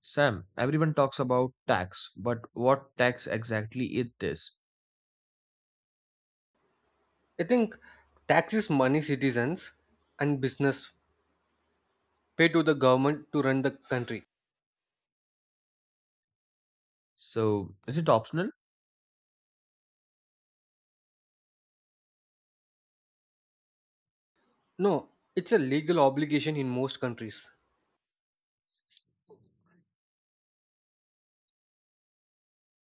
Sam, everyone talks about tax, but what tax exactly it is? I think taxes money citizens and business pay to the government to run the country. So, is it optional? No, it's a legal obligation in most countries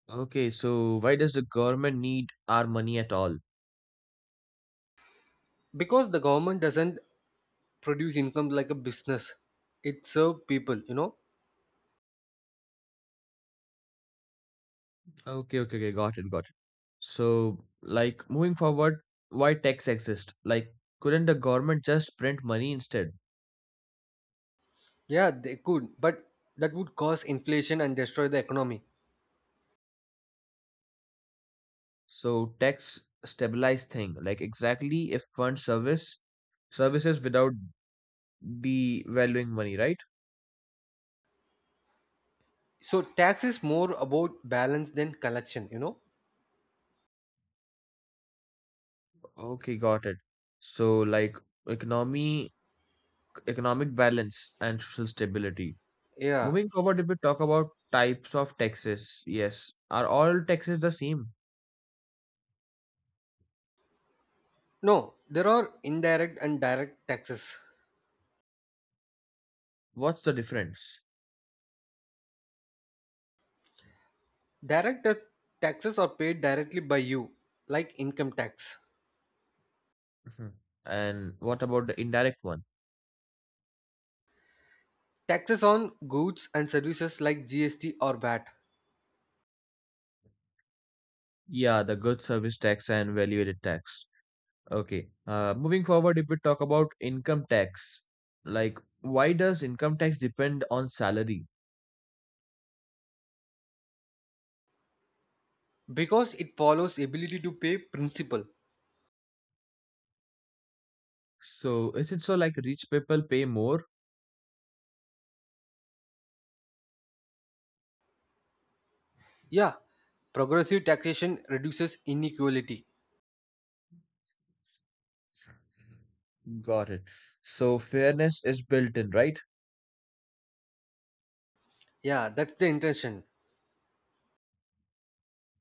Okay, so why does the government need our money at all? because the government doesn't produce income like a business. It serves people. Okay, got it. So, like, moving forward, why tax exist? Like, couldn't the government just print money instead? Yeah, they could, but that would cause inflation and destroy the economy. So, tax stabilize thing, like exactly if fund service services without devaluing money, right? So tax is more about balance than collection. Okay, got it. So, like economy economic balance and social stability. Yeah. Moving forward, if we talk about types of taxes, yes, are all taxes the same? No, there are indirect and direct taxes. What's the difference? Direct ta- Taxes are paid directly by you, like income tax. Mhm. And what about the indirect one? Taxes on goods and services like GST or VAT Yeah, the goods, service tax and value-added tax. Okay. Moving forward, if we talk about income tax, like why does income tax depend on salary? because it follows ability to pay principle. So is it so like rich people pay more? Yeah, progressive taxation reduces inequality. Got it. So fairness is built in, right? Yeah, that's the intention.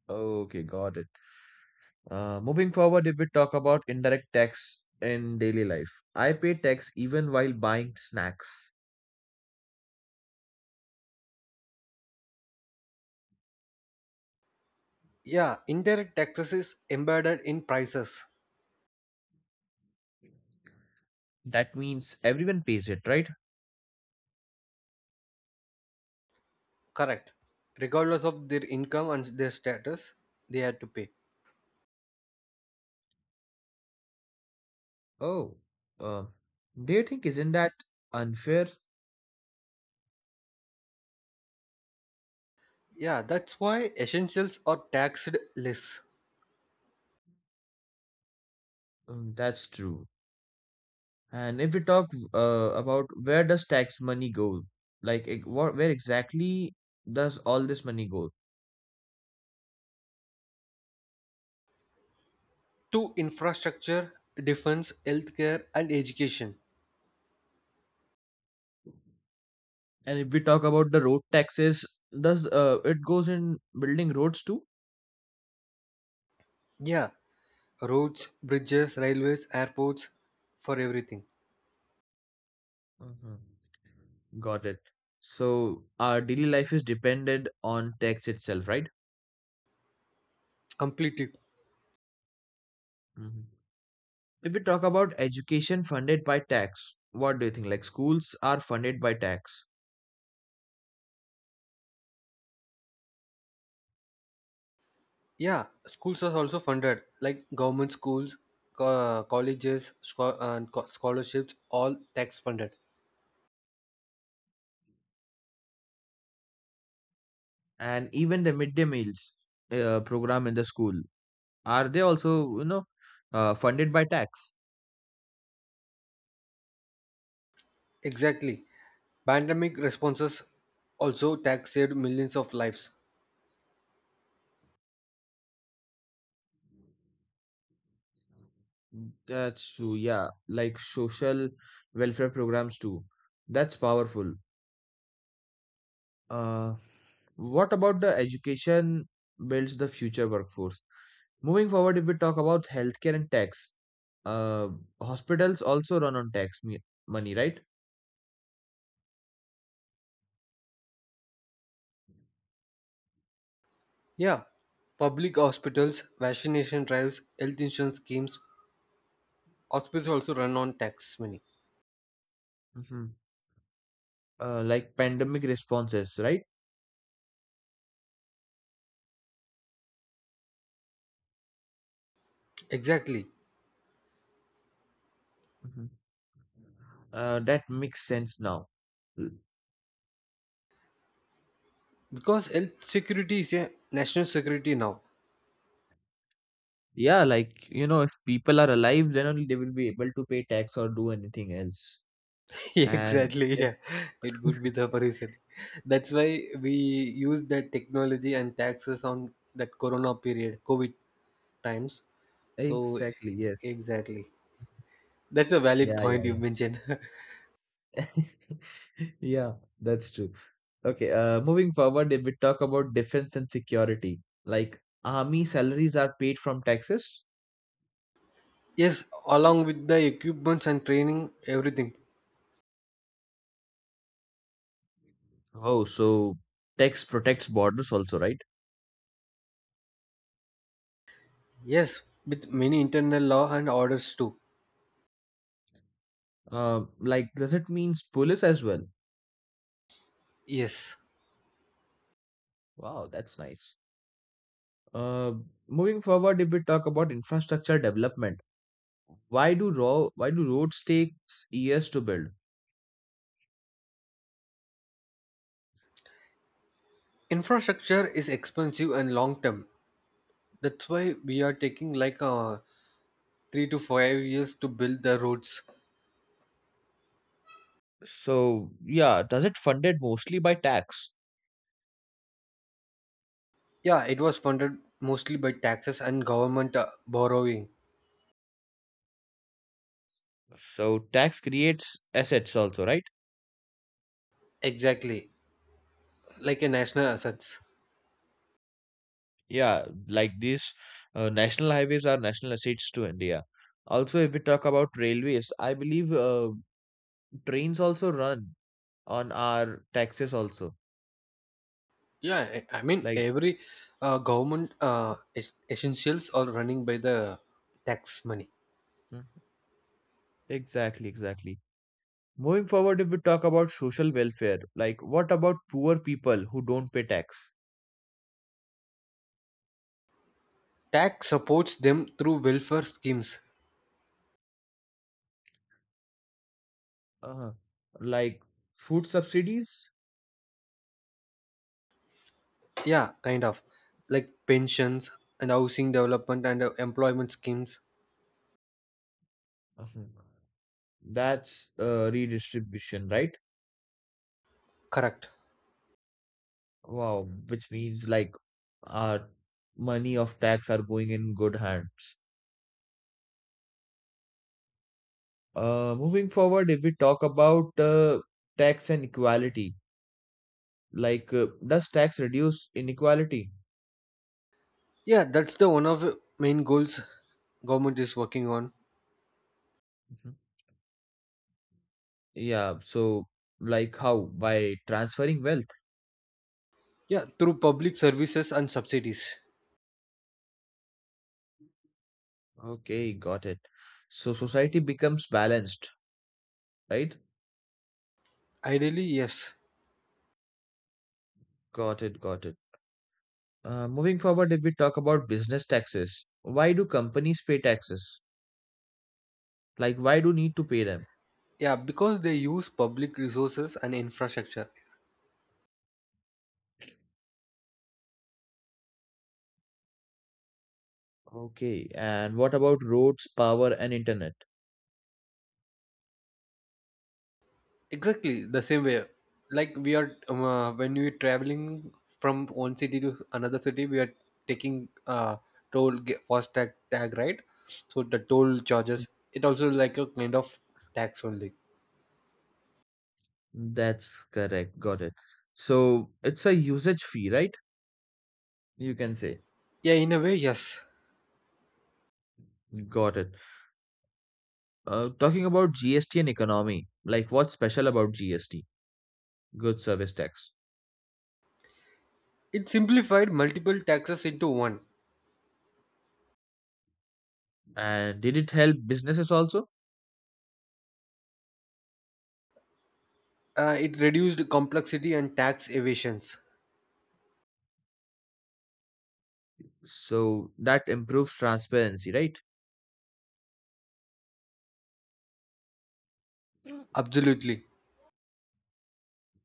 Okay, got it. Moving forward, if we talk about indirect tax in daily life, I pay tax even while buying snacks. Yeah, indirect taxes is embedded in prices. That means everyone pays it, right? Correct. Regardless of their income and their status, they have to pay. Oh, uh, do you think isn't that unfair? Yeah, that's why essentials are taxed less Mm, that's true. And if we talk about where does tax money go, like where exactly does all this money go? to infrastructure, defense, healthcare, and education. And if we talk about the road taxes, does it goes in building roads too? Yeah, roads, bridges, railways, airports, for everything. Mhm. Got it. So our daily life is dependent on tax itself, right? Completely. Mhm. If we talk about education funded by tax, what do you think? Like schools are funded by tax, Yeah, schools are also funded, like government schools, colleges, scholarships, all tax funded. and even the midday meals program in the school are they also you know funded by tax? Exactly. Pandemic responses also tax saved millions of lives. That's true. Yeah, like social welfare programs too. That's powerful. Uh, what about the education builds the future workforce? Moving forward, if we talk about healthcare and tax, uh, hospitals also run on tax money, right? Yeah, public hospitals, vaccination drives, health insurance schemes, hospitals also run on tax money. Hmm. Like pandemic responses, right? Exactly, Hmm. That makes sense now. L- because health security is a national security now. Yeah, like, if people are alive, then only they will be able to pay tax or do anything else. And Exactly, yeah, it could be the reason that's why we use that technology and taxes on that corona period covid times. So exactly, yes, exactly, that's a valid yeah, point you yeah, mentioned. yeah, that's true. Okay, moving forward, if we talk about defense and security, like army salaries are paid from taxes. Yes, along with the equipments and training, everything. Oh, so text protects borders also, right? Yes, with many internal law and orders too. Like, does it means police as well? Yes, Wow, that's nice. Uh, Moving forward, if we talk about infrastructure development, why do roads takes years to build? infrastructure is expensive and long term, that's why we are taking like 3 to 5 years to build the roads. So yeah, does it funded mostly by tax? Yeah, it was funded mostly by taxes and government borrowing. So tax creates assets also, right? Exactly, like a national assets. Yeah, like these national highways are national assets to India. Also, if we talk about railways, I believe trains also run on our taxes also. Yeah, I mean Like, every government essentials are running by the tax money. mm, exactly, exactly. Moving forward, if we talk about social welfare, like what about poor people who don't pay tax? Tax supports them through welfare schemes. Uh, like food subsidies? Yeah, kind of like pensions and housing development and employment schemes. Uh-huh. That's redistribution, right? Correct. Wow, which means like our money of tax are going in good hands. Moving forward, if we talk about tax and equality, like does tax reduce inequality? Yeah, that's the one of the main goals government is working on. Yeah, so like how? By transferring wealth. Yeah, through public services and subsidies. Okay, got it. So society becomes balanced, right? Ideally, yes. Got it, got it. Moving forward, if we talk about business taxes, why do companies pay taxes? Like, why do need to pay them? Yeah, because they use public resources and infrastructure. Okay, and what about roads, power, and internet? Exactly the same way. Like we are when we are traveling from one city to another city, we are taking FASTag tag, right? So the toll charges it also like a kind of tax only. That's correct, got it. So it's a usage fee, right? You can say. Yeah, in a way, yes. Got it. Talking about GST and economy, like what's special about GST? Good service tax. It simplified multiple taxes into one. And did it help businesses also? It reduced complexity and tax evasions. So that improves transparency, right? Absolutely.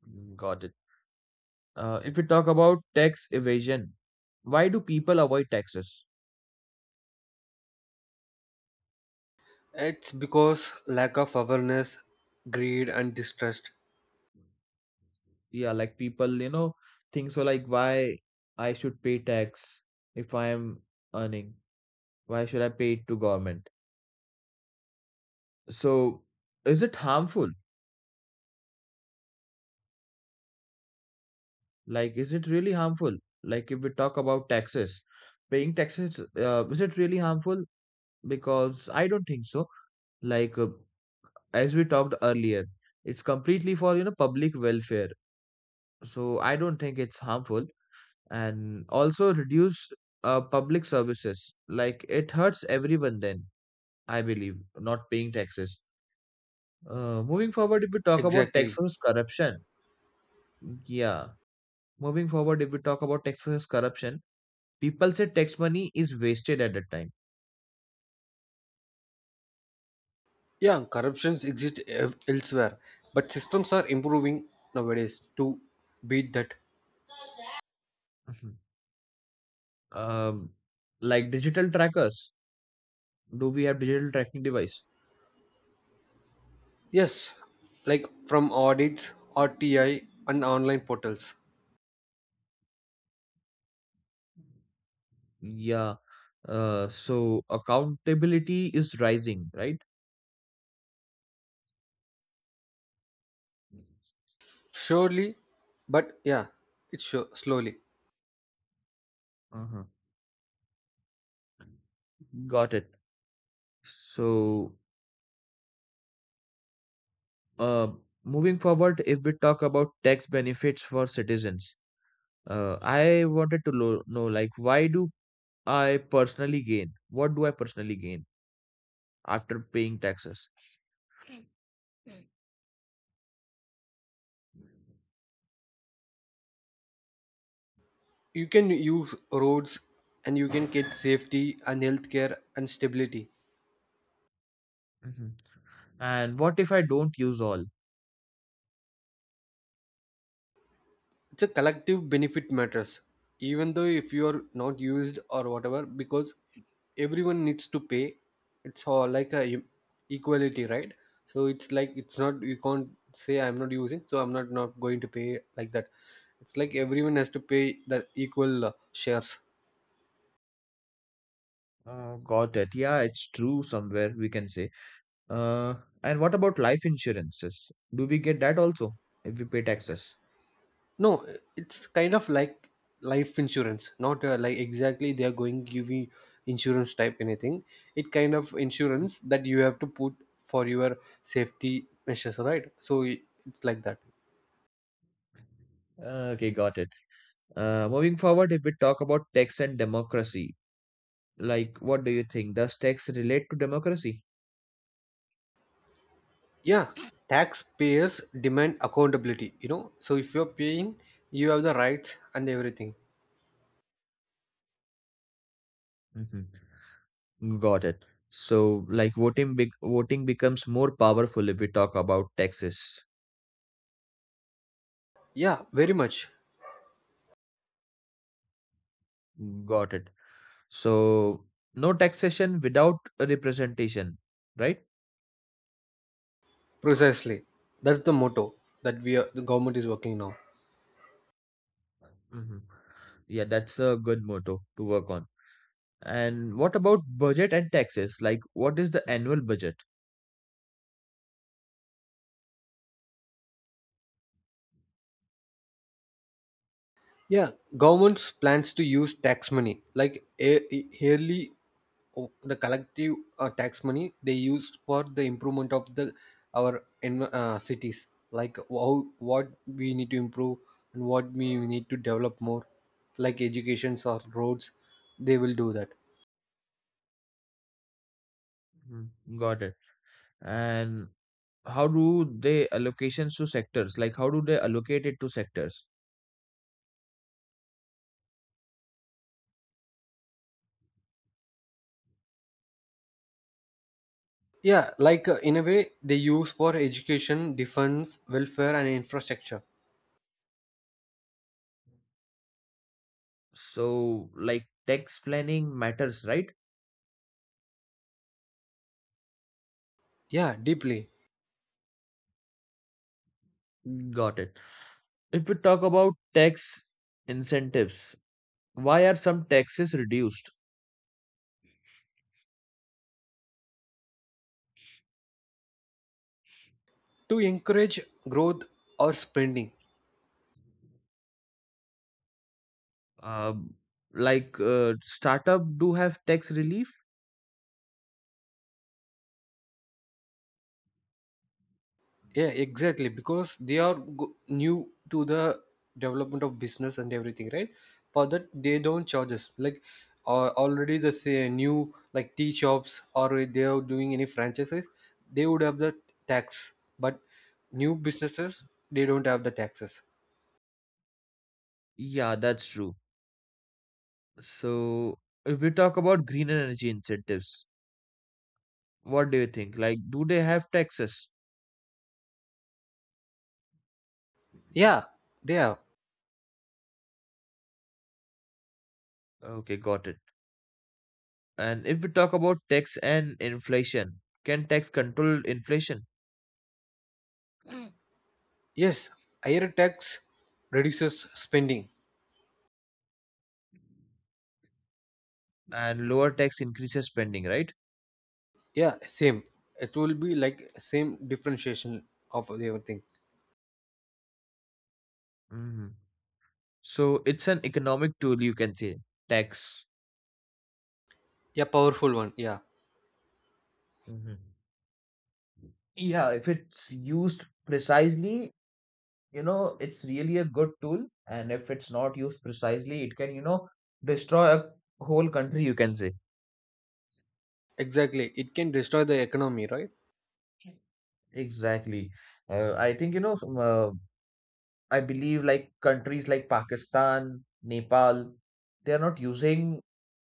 Mm, got it. If we talk about tax evasion, why do people avoid taxes? It's because lack of awareness, greed, and distrust. Yeah, like people, think so like why I should pay tax if I am earning? Why should I pay it to government? So is it harmful? Like, is it really harmful? Like if we talk about taxes, paying taxes, is it really harmful? Because I don't think so. Like as we talked earlier, it's completely for public welfare. So I don't think it's harmful, and also reduce public services. Like it hurts everyone. Then I believe not paying taxes. Moving forward, if we talk about tax Exactly. versus corruption, yeah. Moving forward, if we talk about tax versus corruption, people say tax money is wasted at that time. Yeah, corruptions exist elsewhere, but systems are improving nowadays to beat that. Mhm. Um, like digital trackers. Do we have digital tracking device? Yes, like from audits, RTI, and online portals. Yeah. So accountability is rising, right? Surely, but yeah, it's sure, slowly. Uh-huh. Got it. So, uh, moving forward, if we talk about tax benefits for citizens, I wanted to lo know, like, why do I personally gain? What do I personally gain after paying taxes? You can use roads and you can get safety and healthcare and stability. Hmm. And what if I don't use all? It's a collective benefit matters even though if you are not used or whatever, because everyone needs to pay. It's all like a equality, right? So it's like it's not, you can't say I'm not using so I'm not not going to pay like that. It's like everyone has to pay the equal shares. Got it. Yeah, it's true somewhere, we can say. Uh, and what about life insurances? Do we get that also if we pay taxes? No, it's kind of like life insurance, not like exactly they are going give you insurance type anything. It kind of insurance that you have to put for your safety measures, right? It's like that. Okay, got it. Moving forward, if we talk about tax and democracy, like what do you think? Does tax relate to democracy? Yeah, taxpayers demand accountability. So if you're paying, you have the rights and everything. Mm-hmm. Got it. So, like voting becomes more powerful if we talk about taxes. Yeah, very much. Got it. So, no taxation without representation, right? Precisely. That's the motto that we are, the government is working now. Mm-hmm. Yeah, that's a good motto to work on. And what about budget and taxes? Like, what is the annual budget? Yeah, government's plans to use tax money like a yearly the collective tax money they use for the improvement of the our cities, like how what we need to improve and what we need to develop more, like educations or roads, they will do that. Mm, got it. And how do they allocations to sectors? Like, how do they allocate it to sectors? Yeah, like in a way they use for education, defense, welfare, and infrastructure. So, like, tax planning matters, right? Yeah, deeply. Got it. If we talk about tax incentives, why are some taxes reduced? To encourage growth or spending. Um, like, startup do have tax relief? Yeah, exactly, because they are new to the development of business and everything, right? For that they don't charge us like already the say, new like tea shops or they are doing any franchises, they would have the tax, but new businesses, they don't have the taxes. Yeah, that's true. So, if we talk about green energy incentives, what do you think? Like, do they have taxes? Yeah, they have. Okay, got it. And if we talk about tax and inflation, can tax control inflation? Mm. Yes, higher tax reduces spending. And lower tax increases spending, right? Yeah, same, it will be like same differentiation of everything. Hmm. So it's an economic tool, you can say, tax. Yeah, powerful one, yeah. Hmm. Yeah, if it's used precisely, it's really a good tool. And if it's not used precisely, it can, destroy a whole country, you can say. Exactly. It can destroy the economy, right? Exactly. I think, I believe like countries like Pakistan, Nepal, they are not using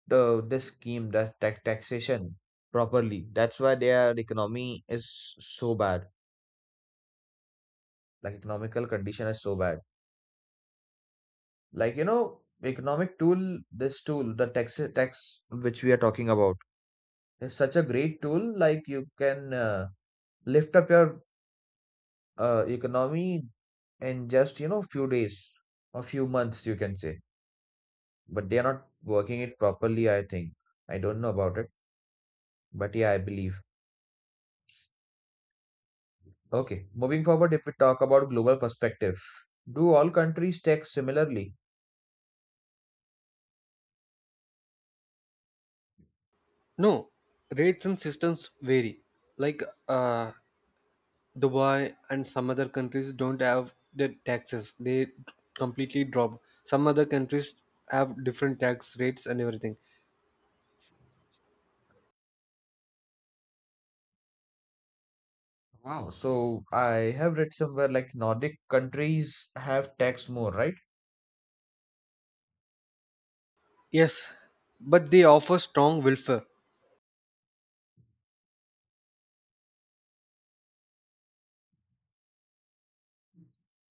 the this scheme, the taxation properly. That's why their economy is so bad. Like economical condition is so bad. Like, economic tool, this tool, the tax which we are talking about, is such a great tool. Like you can lift up your economy in just few days or few months, you can say. But they are not working it properly, I think. I don't know about it, but yeah, I believe. Okay, moving forward, if we talk about global perspective, do all countries tax similarly? No, rates and systems vary. Like uh, Dubai and some other countries don't have their taxes. They completely drop. Some other countries have different tax rates and everything. Wow, so I have read somewhere like Nordic countries have tax more, right? Yes, but they offer strong welfare.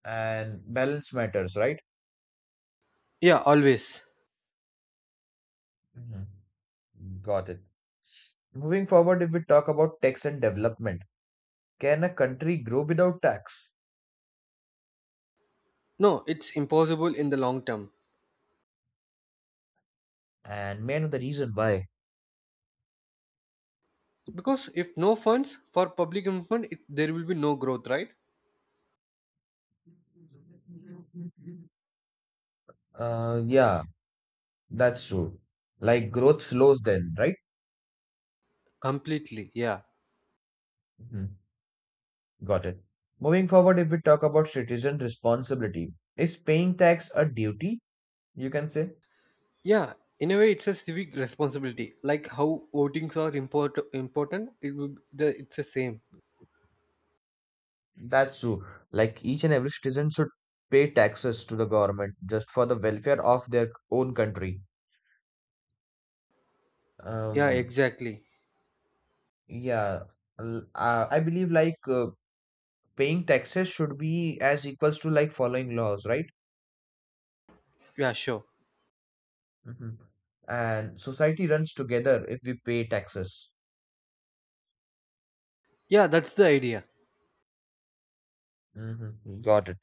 And balance matters, right? Yeah, always. Mhm. Got it. Moving forward, if we talk about tax and development, can a country grow without tax? No, it's impossible in the long term. And may I know the reason why? Because if no funds for public improvement, it, there will be no growth, right? Yeah, that's true. Like growth slows then, right? Completely, yeah. Mhm. Got it. Moving forward, if we talk about citizen responsibility, is paying tax a duty? You can say Yeah, in a way, it's a civic responsibility. Like how votings are important, it would the it's the same. that's true. Like each and every citizen should pay taxes to the government just for the welfare of their own country. Yeah, Um, exactly. yeah, I believe like paying taxes should be as equals to like following laws, right? Yeah, sure. Hmm. And society runs together if we pay taxes. Yeah, that's the idea. Hmm. Got it.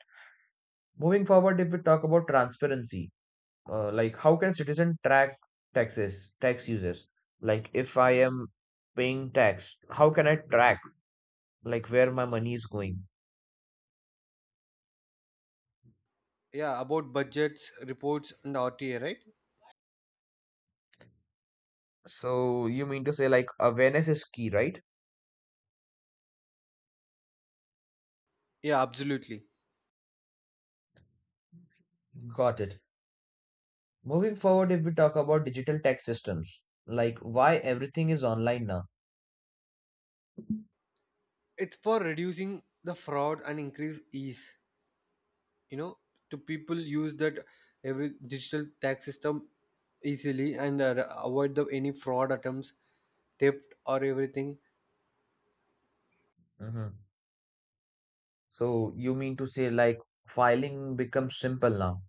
Moving forward, if we talk about transparency, like how can citizen track tax uses? Like if I am paying tax, how can I track like where my money is going? Yeah, about budgets, reports, and RTA, right? So you mean to say like awareness is key, right? Yeah, absolutely. Got it. Moving forward, if we talk about digital tax systems, like why everything is online now? It's for reducing the fraud and increase ease. You know, to people use that every digital tax system easily and avoid the any fraud attempts, theft, or everything. Mm-hmm. So you mean to say like filing becomes simple now?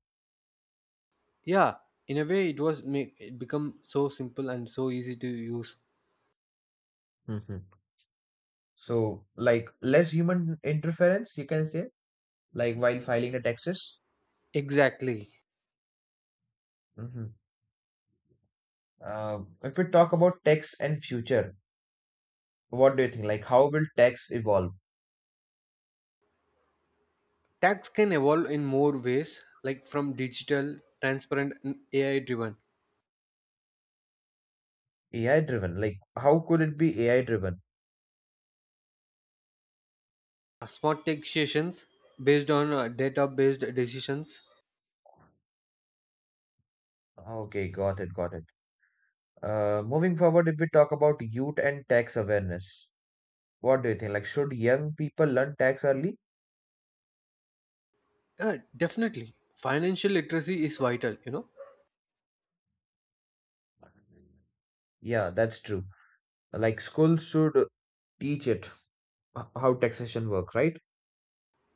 Yeah, in a way, it was make it become so simple and so easy to use. Mm-hmm. So like less human interference, you can say, like while filing the taxes. Exactly. Hmm. Uh, if we talk about tax and future, what do you think? Like, how will tax evolve? Tax can evolve in more ways, like from digital, transparent, and AI driven. AI driven? Like, how could it be AI driven? Smart taxations based on data based decisions. Okay, got it, got it. Moving forward, if we talk about youth and tax awareness, what do you think? Like, should young people learn tax early? Definitely. Financial literacy is vital, you know. Yeah, that's true. Like, schools should teach it how taxation work, right?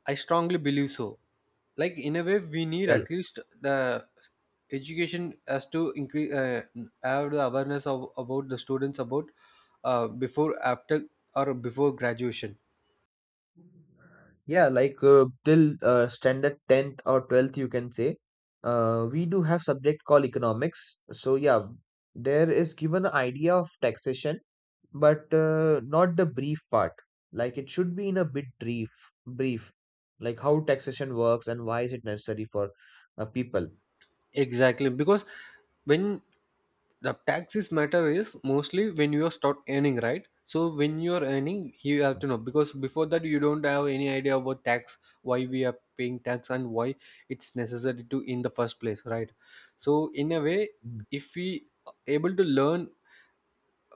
I strongly believe so. Like in a way we need Yeah, at least the education as to increase have the awareness of about the students about before after or before graduation. yeah, like till standard 10th or 12th, you can say, we do have subject called economics. So yeah, there is given an idea of taxation, but not the brief part. Like it should be in a bit brief, like how taxation works and why is it necessary for people. Exactly, because when the taxes matter is mostly when you start earning, right? So when you are earning you have to know, because before that you don't have any idea about tax, why we are paying tax and why it's necessary to in the first place, right? So in a way, Mm, if we able to learn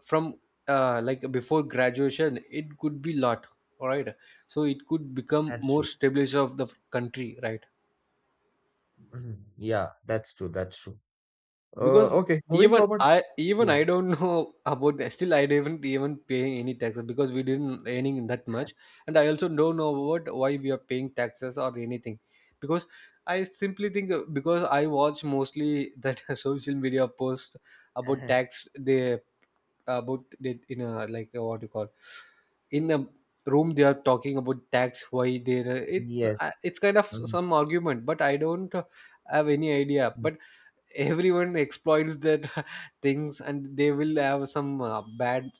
from like before graduation it could be lot, all right? So it could become that's more true. stabilizer of the country, right? Mhm. Yeah, that's true. That's true. Because Okay, moving even forward. I even Yeah. I don't know about the still I didn't even pay any taxes because we didn't earning that much, and I also don't know what why we are paying taxes or anything, because I simply think because I watch mostly that social media posts about Uh-huh. tax they about it in a like what you call in a room they are talking about tax why they Yes. it's kind of Mhm. some argument but I don't have any idea. Mhm. But everyone exploits that things and they will have some bad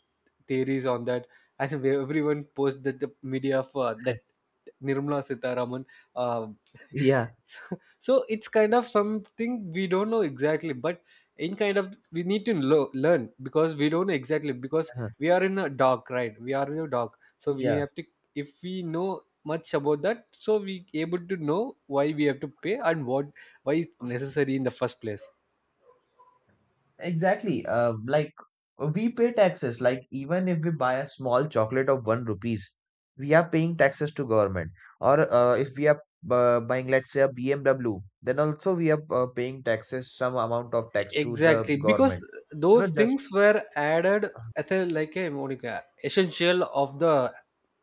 theories on that, and everyone posts that the media for that nirmala sitaraman uh, Yeah. so it's kind of something we don't know exactly, but in kind of we need to learn because we don't know exactly because Uh-huh. we are in a dark, right? We are in a dark, so we Yeah. have to, if we know much about that, so we able to know why we have to pay and what, why it's necessary in the first place. Exactly. Like we pay taxes. Like even if we buy a small chocolate of one rupees, we are paying taxes to government. Or if we are buying, let's say, a BMW, then also we are paying taxes, some amount of tax to the Exactly, because government. You know, those just things were added as a like a monica essential of the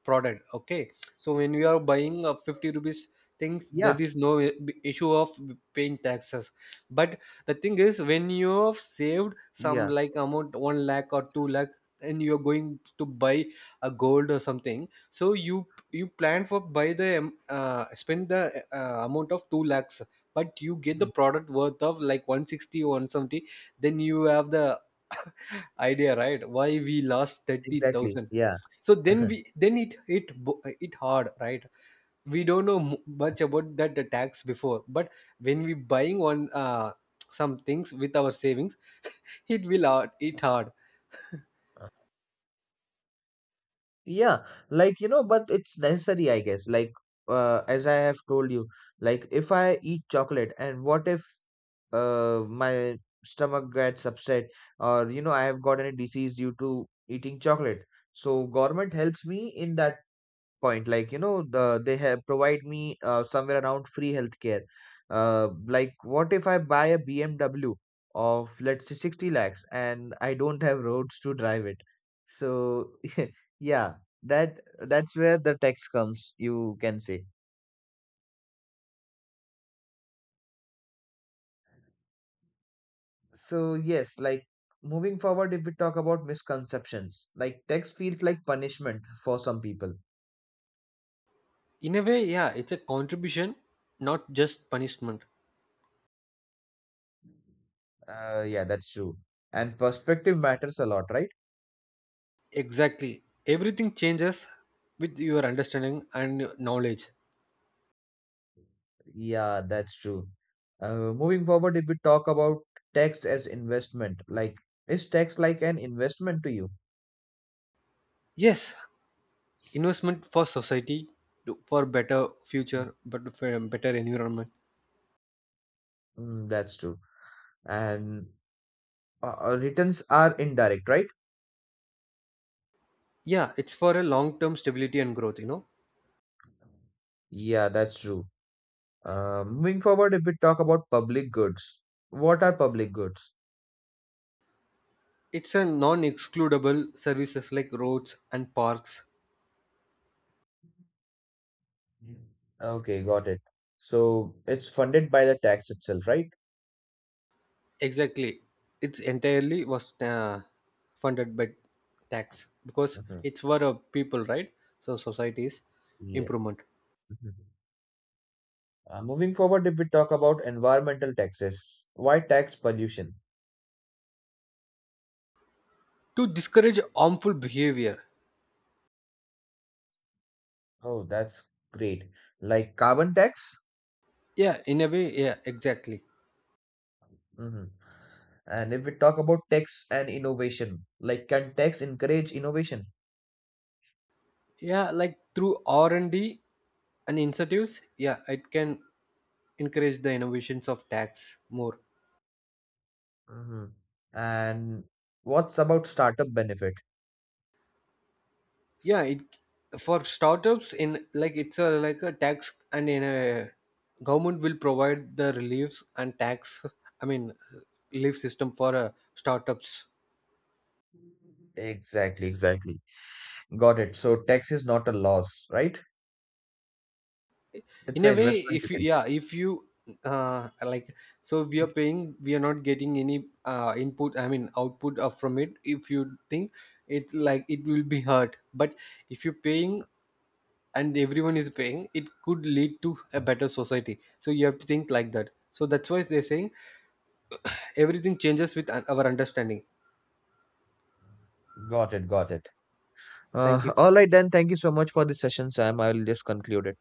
product. Okay, so when you are buying a 50 rupees things there yeah, is no issue of paying taxes, but the thing is when you have saved some yeah, like amount 1 lakh or 2 lakh and you're going to buy a gold or something, so you plan for buy the spend the amount of 2 lakhs, but you get the mhm, product worth of like 160 or 170, then you have the idea right why we lost exactly, 30,000. yeah. So then we, then it hit it hard, right? We don't know much about that the tax before, but when we buying on some things with our savings, it will hard, it hard. Yeah, like, but it's necessary, I guess. Like, as I have told you, like if I eat chocolate, and what if, my stomach gets upset, or, I have got any disease due to eating chocolate. So government helps me in that point, like they have provide me somewhere around free healthcare. Like what if I buy a BMW of let's say 60 lakhs and I don't have roads to drive it, so yeah, that that's where the tax comes, you can say. So yes, like moving forward, if we talk about misconceptions, like tax feels like punishment for some people. In a way, yeah, it's a contribution, not just punishment. Yeah, that's true. And perspective matters a lot, right? Exactly, everything changes with your understanding and your knowledge. Yeah, that's true. Moving forward, if we talk about tax as investment, like is tax like an investment to you? Yes, investment for society to- for better future, but for a better environment. Mm, that's true. And returns are indirect, right? Yeah, it's for a long term stability and growth, you know. Yeah, that's true. Moving forward, if we talk about public goods, what are public goods? It's a non-excludable services like roads and parks. Mm. Okay, got it. So it's funded by the tax itself, right? Exactly, it's entirely was funded by tax because Mhm. it's for a people, right? So society's Yeah. improvement. Mhm. Moving forward, if we talk about environmental taxes, why tax pollution? To discourage harmful behavior. Oh, that's great. Like carbon tax? Yeah, in a way, yeah, exactly. Hmm. And if we talk about tax and innovation, like can tax encourage innovation? Yeah, like through R&D and D and incentives, yeah it can encourage the innovations of tax more. Hmm. And what's about startup benefit? Yeah, it for startups in like it's a like a tax and in a government will provide the reliefs and tax, I mean relief system for startups. Exactly, exactly. Got it. So tax is not a loss, right? In It's a an way investment, you if you, can say. yeah if you like, so we are paying we are not getting any input I mean output of from it if you think, it's like it will be hurt, but if you're paying and everyone is paying it could lead to a better society, so you have to think like that. So that's why they're saying everything changes with our understanding. Got it, got it. Thank you. All right then. Thank you so much for this session, Sam. I will just conclude it.